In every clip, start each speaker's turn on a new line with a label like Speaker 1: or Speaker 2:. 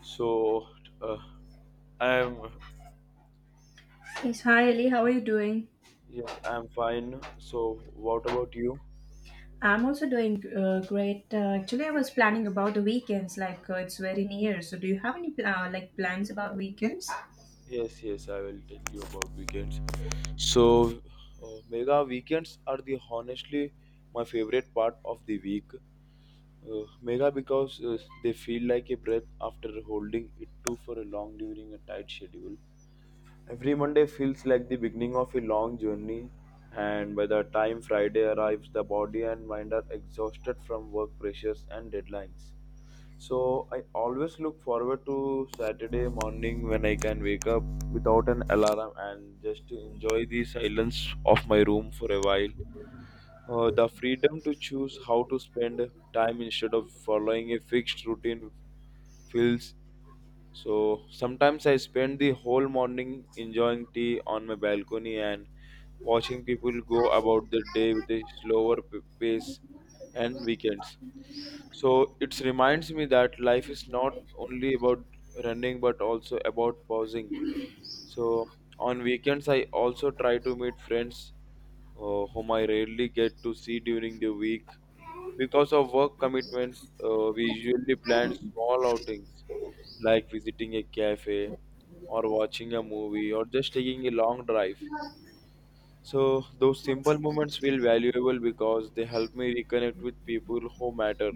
Speaker 1: So, uh, I'm
Speaker 2: Yes, hi Ellie, how are you doing?
Speaker 1: yes, I'm fine. So, what about you?
Speaker 2: I'm also doing great. Actually, I was planning about the weekends, like it's very near. So, do you have any plans about weekends?
Speaker 1: Yes, yes, I will tell you about weekends. So, Mega weekends are the honestly my favorite part of the week. Mega because they feel like a breath after holding it too for a long during a tight schedule. Every Monday feels like the beginning of a long journey, and by the time Friday arrives, the body and mind are exhausted from work pressures and deadlines. So I always look forward to Saturday morning when I can wake up without an alarm and just to enjoy the silence of my room for a while. The freedom to choose how to spend time instead of following a fixed routine feels, so sometimes I spend the whole morning enjoying tea on my balcony and watching people go about their day with a slower pace and weekends. So it reminds me that life is not only about running but also about pausing. So on weekends, I also try to meet friends, whom I rarely get to see during the week because of work commitments. Uh, we usually plan small outings like visiting a cafe or watching a movie or just taking a long drive. So, those simple moments feel valuable because they help me reconnect with people who matter.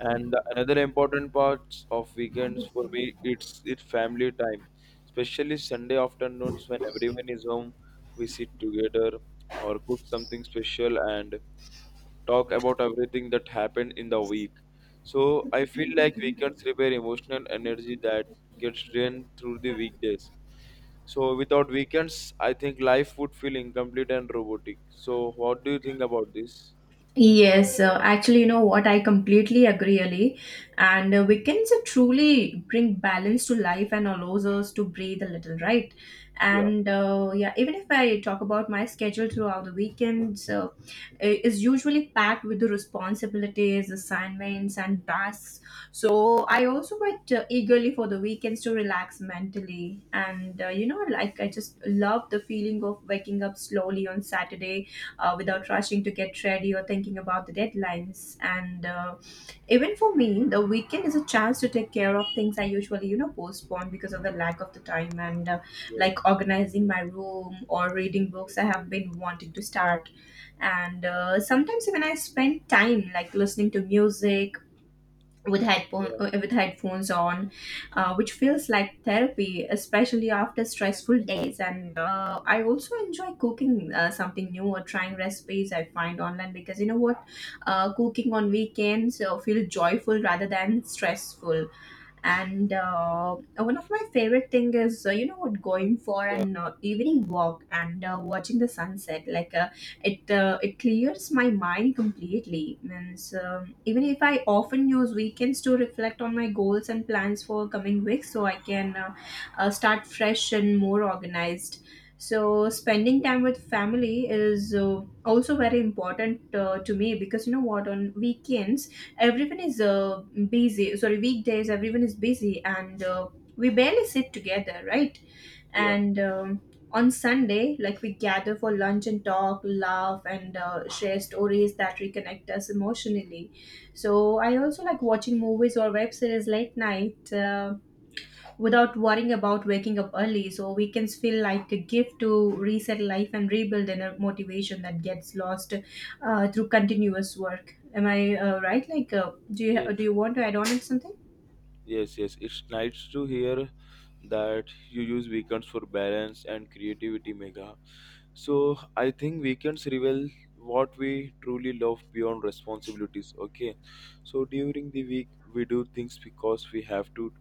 Speaker 1: And another important part of weekends for me, it's family time, especially Sunday afternoons when everyone is home. We sit together or cook something special and talk about everything that happened in the week. So I feel like weekends repair emotional energy that gets drained through the weekdays. So without weekends, I think life would feel incomplete and robotic. So what do you think about this?
Speaker 2: Yes, actually, you know what? I completely agree, Ali. And weekends truly bring balance to life and allows us to breathe a little, right?
Speaker 1: Yeah,
Speaker 2: And yeah, even if I talk about my schedule throughout the weekends, is usually packed with the responsibilities, assignments, and tasks. So I also wait eagerly for the weekends to relax mentally. And you know, like I just love the feeling of waking up slowly on Saturday
Speaker 1: yeah,
Speaker 2: without rushing to get ready or thinking about the deadlines. And even for me, the weekend is a chance to take care of things I usually, you know, postpone because of the lack of the time and
Speaker 1: yeah,
Speaker 2: like organizing my room or reading books I have been wanting to start. And sometimes even I spend time like listening to music with
Speaker 1: yeah,
Speaker 2: headphones on, which feels like therapy, especially after stressful days. And I also enjoy cooking something new or trying recipes I find online because you know what, cooking on weekends feel joyful rather than stressful and one of my favorite thing is you know what, going for
Speaker 1: yeah,
Speaker 2: an evening walk and watching the sunset like it clears my mind completely means even if I often use weekends to reflect on my goals and plans for coming weeks so I can start fresh and more organized. So spending
Speaker 1: sure.
Speaker 2: time with family is also very important to me, because you know what, on weekends everyone is busy sorry weekdays everyone is busy, and we barely sit together, right?
Speaker 1: Yeah,
Speaker 2: and On Sunday, like, we gather for lunch and talk, laugh, and share stories that reconnect us emotionally. So I also like watching movies or web series late night.
Speaker 1: yes,
Speaker 2: Without worrying about waking up early. So weekends feel like a gift to reset life and rebuild inner motivation that gets lost through continuous work. Am I right? Like, do
Speaker 1: yes,
Speaker 2: you want to add on it something?
Speaker 1: yes, yes. It's nice to hear that you use weekends for balance and creativity, Mega. So I think weekends reveal what we truly love beyond responsibilities. Okay, so during the week we do things because we have to,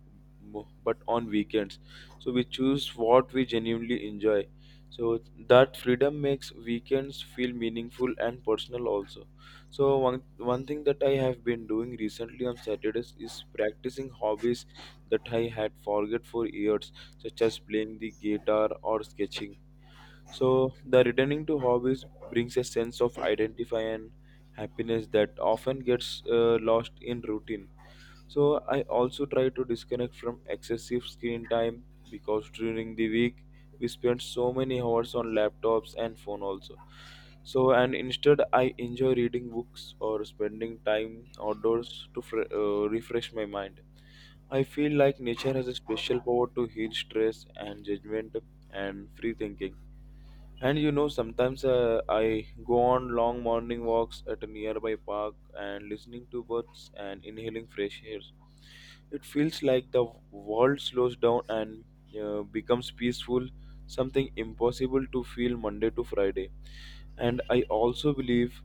Speaker 1: but on weekends, so we choose what we genuinely enjoy. So that freedom makes weekends feel meaningful and personal also. So one thing that I have been doing recently on Saturdays is practicing hobbies that I had forget for years, such as playing the guitar or sketching. So the returning to hobbies brings a sense of identify and happiness that often gets lost in routine. So I also try to disconnect from excessive screen time because during the week we spend so many hours on laptops and phone also. So, and instead, I enjoy reading books or spending time outdoors to refresh my mind. I feel like nature has a special power to heal stress and judgment and free thinking, and you know, sometimes I go on long morning walks at a nearby park and listening to birds and inhaling fresh air. It feels like the world slows down and becomes peaceful, something impossible to feel Monday to Friday. And I also believe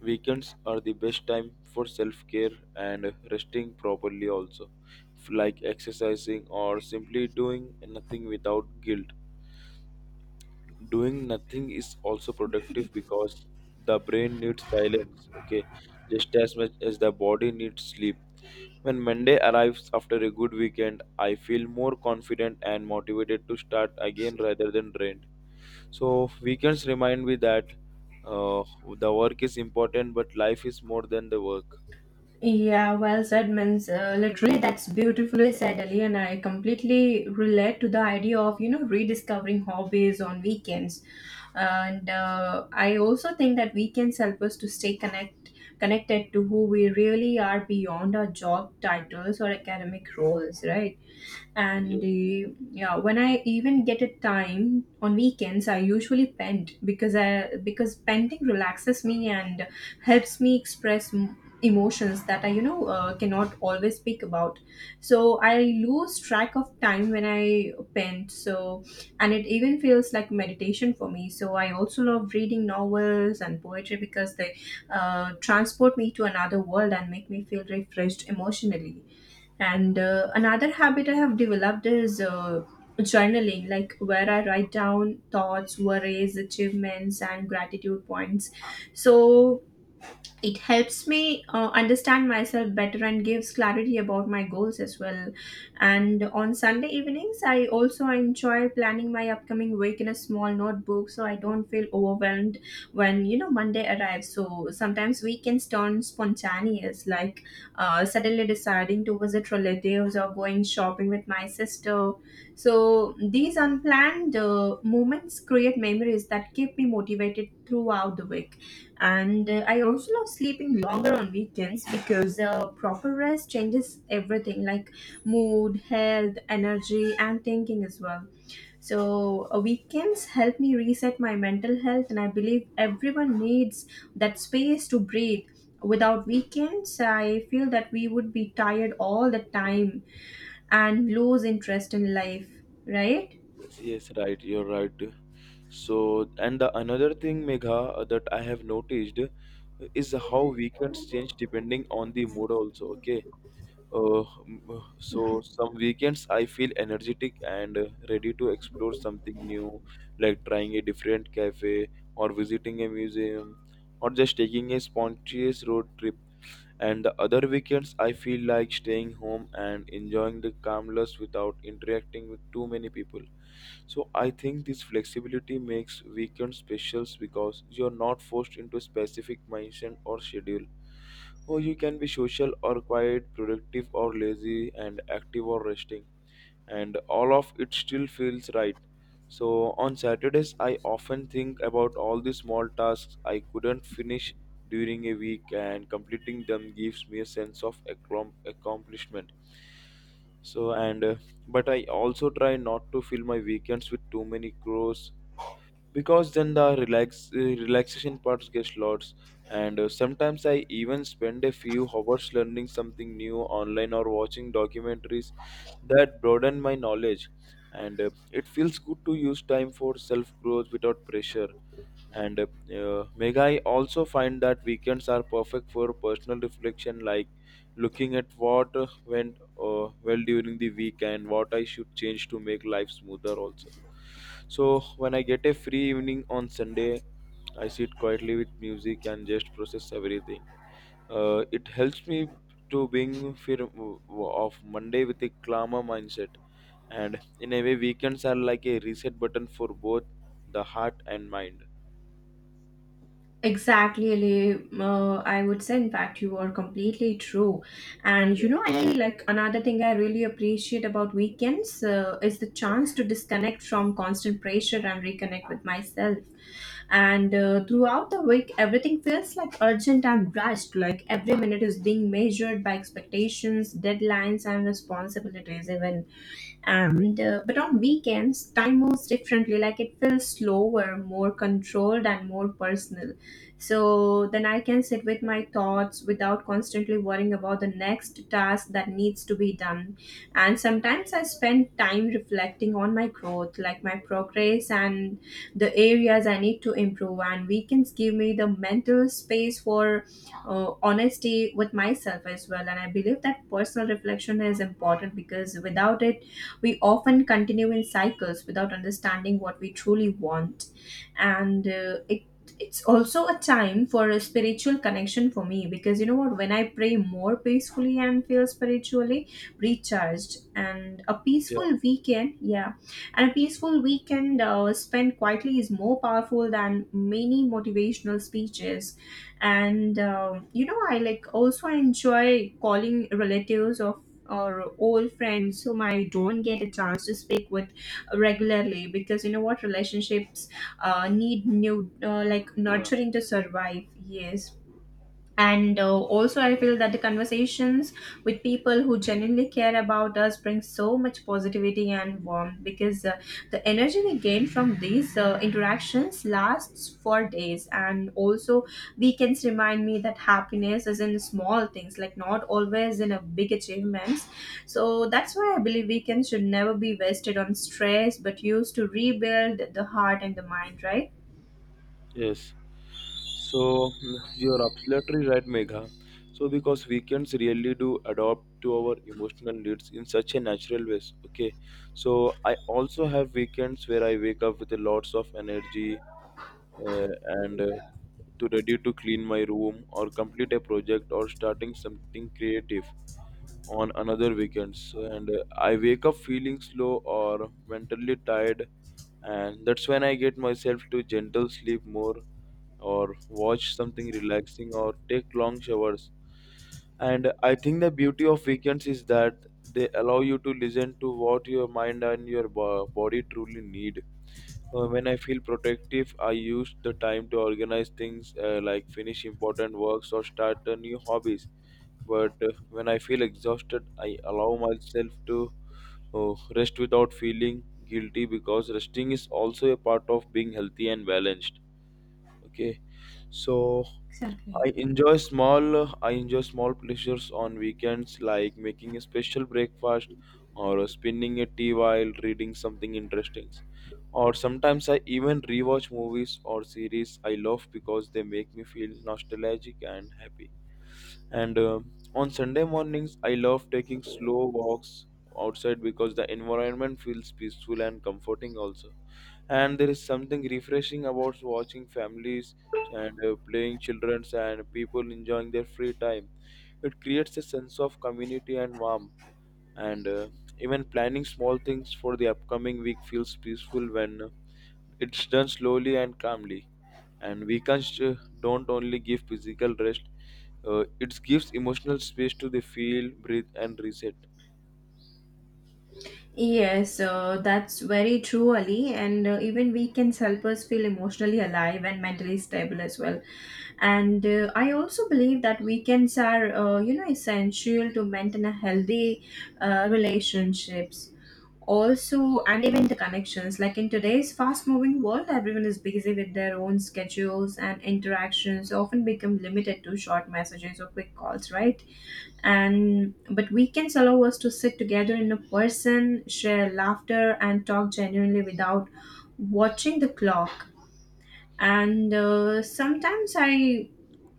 Speaker 1: weekends are the best time for self care and resting properly, also, like exercising or simply doing nothing without guilt. Doing nothing is also productive because the brain needs silence. Okay, just as much as the body needs sleep. When Monday arrives after a good weekend, I feel more confident and motivated to start again rather than drained. So weekends remind me that, uh, the work is important, but life is more than the work.
Speaker 2: Yeah, well said, means literally that's beautifully said, Ali, and I completely relate to the idea of, you know, rediscovering hobbies on weekends, and I also think that weekends help us to stay connected to who we really are beyond our job titles or academic roles, right? And yeah, when I even get a time on weekends I usually paint because I because painting relaxes me and helps me express emotions that I, you know, cannot always speak about. So I lose track of time when I paint. So, and it even feels like meditation for me. So I also love reading novels and poetry because they transport me to another world and make me feel refreshed emotionally. And another habit I have developed is journaling, like where I write down thoughts, worries, achievements, and gratitude points. So it helps me understand myself better and gives clarity about my goals as well. And on Sunday evenings, I also enjoy planning my upcoming week in a small notebook so I don't feel overwhelmed when, you know, Monday arrives. So sometimes weekends turn spontaneous, like suddenly deciding to visit relatives or going shopping with my sister. So these unplanned moments create memories that keep me motivated throughout the week. And I also love sleeping longer on weekends because proper rest changes everything, like mood, health, energy, and thinking as well. So weekends help me reset my mental health, and I believe everyone needs that space to breathe. Without weekends, I feel that we would be tired all the time and lose interest in life, right?
Speaker 1: Yes, yes, right, you're right. So, and the another thing, Megha, that I have noticed is how weekends change depending on the mood, also. Okay. So, some weekends I feel energetic and ready to explore something new, like trying a different cafe, or visiting a museum, or just taking a spontaneous road trip, and the other weekends I feel like staying home and enjoying the calmness without interacting with too many people. So I think this flexibility makes weekend specials because you're not forced into a specific mindset or schedule. Or you can be social or quiet, productive or lazy, and active or resting, and all of it still feels right. So on Saturdays, I often think about all the small tasks I couldn't finish during a week, and completing them gives me a sense of accomplishment. So, and But I also try not to fill my weekends with too many chores because then the relaxation parts gets lost, and sometimes I even spend a few hours learning something new online or watching documentaries that broaden my knowledge, and it feels good to use time for self growth without pressure. And Meg, I also find that weekends are perfect for personal reflection, like looking at what went well during the week and what I should change to make life smoother, also. So, when I get a free evening on Sunday, I sit quietly with music and just process everything. It helps me to being firm of Monday with a calmer mindset. And in a way, weekends are like a reset button for both the heart and mind.
Speaker 2: Exactly, Ali. I would say, in fact, you are completely true. And you know, I like another thing I really appreciate about weekends is the chance to disconnect from constant pressure and reconnect with myself. And throughout the week, everything feels like urgent and rushed. Like every minute is being measured by expectations, deadlines, and responsibilities, even. And but on weekends time moves differently, like it feels slower, more controlled, and more personal. So then I can sit with my thoughts without constantly worrying about the next task that needs to be done. And sometimes I spend time reflecting on my growth, like my progress and the areas I need to improve. And weekends give me the mental space for honesty with myself as well. And I believe that personal reflection is important because without it we often continue in cycles without understanding what we truly want. And it, it's also a time for a spiritual connection for me, because you know what, when I pray more peacefully and feel spiritually recharged, and a
Speaker 1: Yeah,
Speaker 2: peaceful weekend, yeah, and a peaceful weekend spent quietly is more powerful than many motivational speeches. And you know, I like also enjoy calling relatives or old friends whom I don't get a chance to speak with regularly, because you know what, relationships need new like
Speaker 1: yeah,
Speaker 2: nurturing to survive. Yes, and also I feel that the conversations with people who genuinely care about us bring so much positivity and warmth, because the energy we gain from these interactions lasts for days. And also weekends remind me that happiness is in small things, like not always in a big achievements. So that's why I believe weekends should never be wasted on stress but used to rebuild the heart and the mind, right?
Speaker 1: yes. So, mm, you're absolutely right, Megha. So because weekends really do adopt to our emotional needs in such a natural ways. Okay. So I also have weekends where I wake up with a lots of energy, uh, and to ready to clean my room or complete a project or starting something creative on another weekends, and I wake up feeling slow or mentally tired, and that's when I get myself to gentle sleep more or watch something relaxing or take long showers. And I think the beauty of weekends is that they allow you to listen to what your mind and your body truly need. When I feel protective, I use the time to organize things, like finish important works or start new hobbies. But when I feel exhausted, I allow myself to rest without feeling guilty because resting is also a part of being healthy and balanced. Okay, so
Speaker 2: Exactly.
Speaker 1: I enjoy small I enjoy small pleasures on weekends like making a special breakfast or spinning a tea while reading something interesting. Or sometimes I even rewatch movies or series I love because they make me feel nostalgic and happy. And on Sunday mornings I love taking slow walks outside because the environment feels peaceful and comforting also, and there is something refreshing about watching families and, playing children's and people enjoying their free time. It creates a sense of community and warmth, and even planning small things for the upcoming week feels peaceful when it's done slowly and calmly. And weekends, don't only give physical rest, it gives emotional space to the feel breathe and reset.
Speaker 2: Yes, that's very true, Ali. And even weekends help us feel emotionally alive and mentally stable as well. And I also believe that weekends are, you know, essential to maintain a healthy relationships. Also, and even the connections. Like in today's fast-moving world, everyone is busy with their own schedules and interactions often become limited to short messages or quick calls, right? And but weekends allow us to sit together in a person, share laughter and talk genuinely without watching the clock. And sometimes I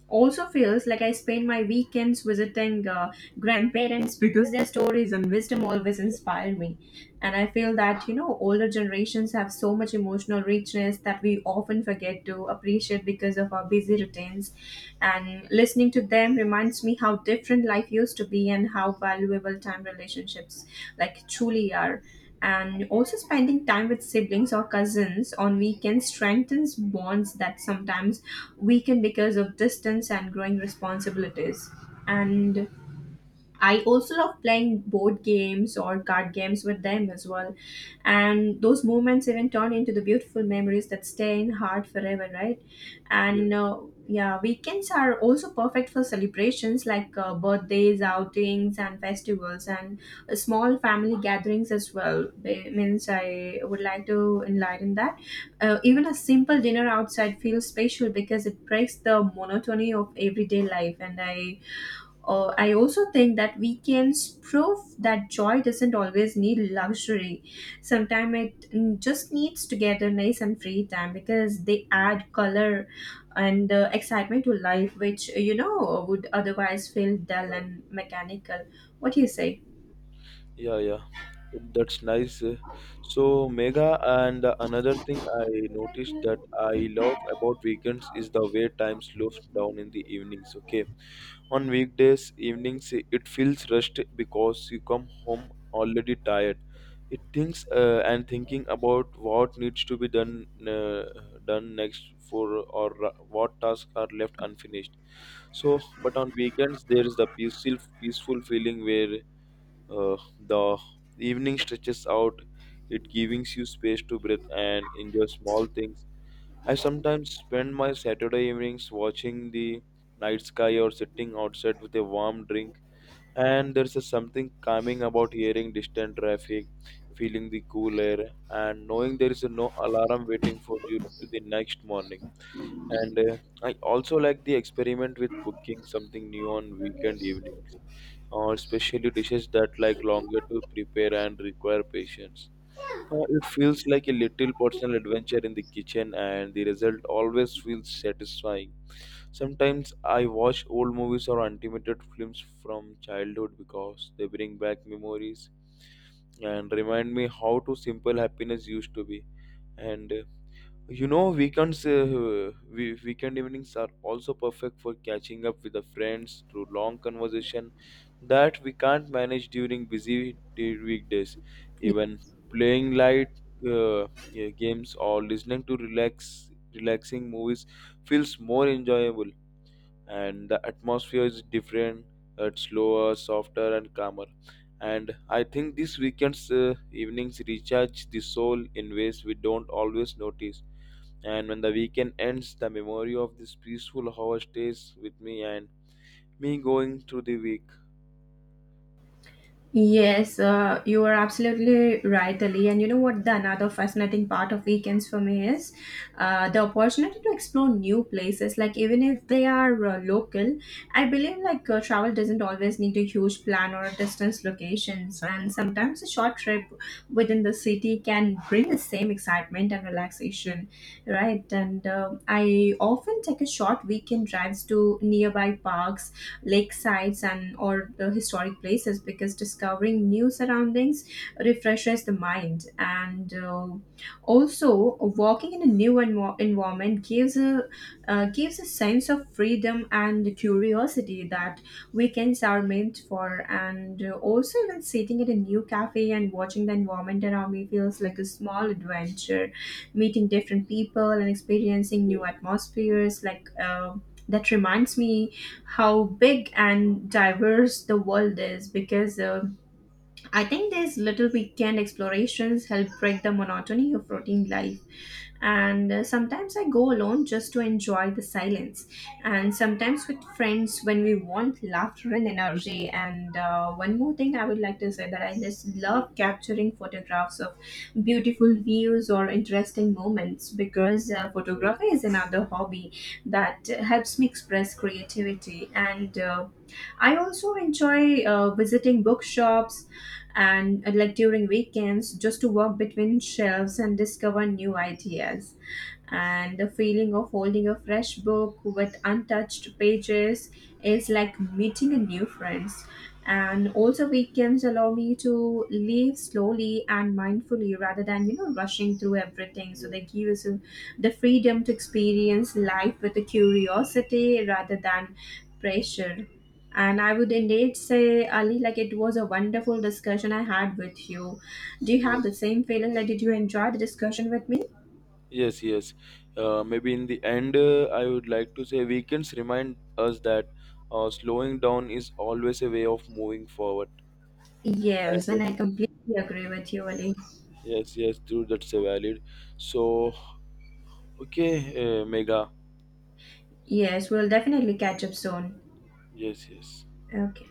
Speaker 2: also feels like I spend my weekends visiting grandparents because their stories and wisdom always inspire me. And I feel that, you know, older generations have so much emotional richness that we often forget to appreciate because of our busy routines. And listening to them reminds me how different life used to be and how valuable time, relationships like truly are. And also spending time with siblings or cousins on weekends strengthens bonds that sometimes weaken because of distance and growing responsibilities. And I also love playing board games or card games with them as well. And those moments even turn into the beautiful memories that stay in heart forever, right?
Speaker 1: Yeah.
Speaker 2: And yeah, weekends are also perfect for celebrations like birthdays, outings, and festivals, and small family gatherings as well. It means I would like to enlighten that. Even a simple dinner outside feels special because it breaks the monotony of everyday life, and I also think that weekends prove that joy doesn't always need luxury. Sometimes it just needs togetherness and free time because they add color and excitement to life, which, you know, would otherwise feel dull and mechanical. What do you say?
Speaker 1: Yeah, yeah, that's nice. So, Mega, and another thing I noticed that I love about weekends is the way time slows down in the evenings. Okay, on weekdays evenings, it feels rushed because you come home already tired. It thinks, and thinking about what needs to be done, done next for or ra- what tasks are left unfinished. So, but on weekends there is the peaceful feeling where, the evening stretches out, it gives you space to breathe and enjoy small things. I sometimes spend my Saturday evenings watching the night sky or sitting outside with a warm drink. And there's a something calming about hearing distant traffic, feeling the cool air, and knowing there is no alarm waiting for you to the next morning. And I also like the experiment with cooking something new on weekend evenings, or especially dishes that like longer to prepare and require patience. It feels like a little personal adventure in the kitchen, and the result always feels satisfying. Sometimes I watch old movies or animated films from childhood because they bring back memories and remind me how to simple happiness used to be. And you know, weekend evenings are also perfect for catching up with the friends through long conversation that we can't manage during weekdays. Even playing light, yeah, games or listening to relaxing movies feels more enjoyable, and the atmosphere is different. It's slower, softer, and calmer. And I think these weekends, evenings recharge the soul in ways we don't always notice, and when the weekend ends the memory of this peaceful hour stays with me and me going through the week.
Speaker 2: Yes, you are absolutely right, Ali. And you know what? The another fascinating part of weekends for me is the opportunity to explore new places. Like even if they are local, I believe like travel doesn't always need a huge plan or distance locations. And sometimes a short trip within the city can bring the same excitement and relaxation, right? And I often take a short weekend drives to nearby parks, lake sites and or the historic places because discovering new surroundings refreshes the mind. And also walking in a new environment gives a sense of freedom and curiosity that weekends are meant for. And also even sitting at a new cafe and watching the environment around me feels like a small adventure, meeting different people and experiencing new
Speaker 1: Yes,
Speaker 2: atmospheres like that reminds me how big and diverse the world is, because I think these little weekend explorations help break the monotony of routine life. And sometimes I go alone just to enjoy the silence, and sometimes with friends when we want laughter and energy. And one more thing I would like to say, that I just love
Speaker 1: yes,
Speaker 2: capturing photographs of beautiful views or interesting moments, because
Speaker 1: yes,
Speaker 2: photography is another hobby that helps me express creativity. And I also enjoy visiting bookshops and like during weekends just to walk between shelves and discover new ideas. And the feeling of holding a fresh book with untouched pages is like meeting a new friends. And also weekends allow me to live slowly and mindfully rather than, you know, rushing through everything, so
Speaker 1: yeah,
Speaker 2: they give us a- the freedom to experience life with a curiosity rather than pressure. And I would indeed say, Ali, like it was a wonderful discussion I had with you. Do you
Speaker 1: yes.
Speaker 2: have the same feeling? Like, did you enjoy the discussion with me?
Speaker 1: Yes, yes. Maybe in the end, I would like to say weekends remind us that, slowing down is always a way of moving forward.
Speaker 2: Yes, and
Speaker 1: And
Speaker 2: I completely agree with you, Ali.
Speaker 1: yes, yes, dude, that's a valid. So, okay, Mega.
Speaker 2: Yes, we'll definitely catch up soon.
Speaker 1: Yes, yes.
Speaker 2: Okay.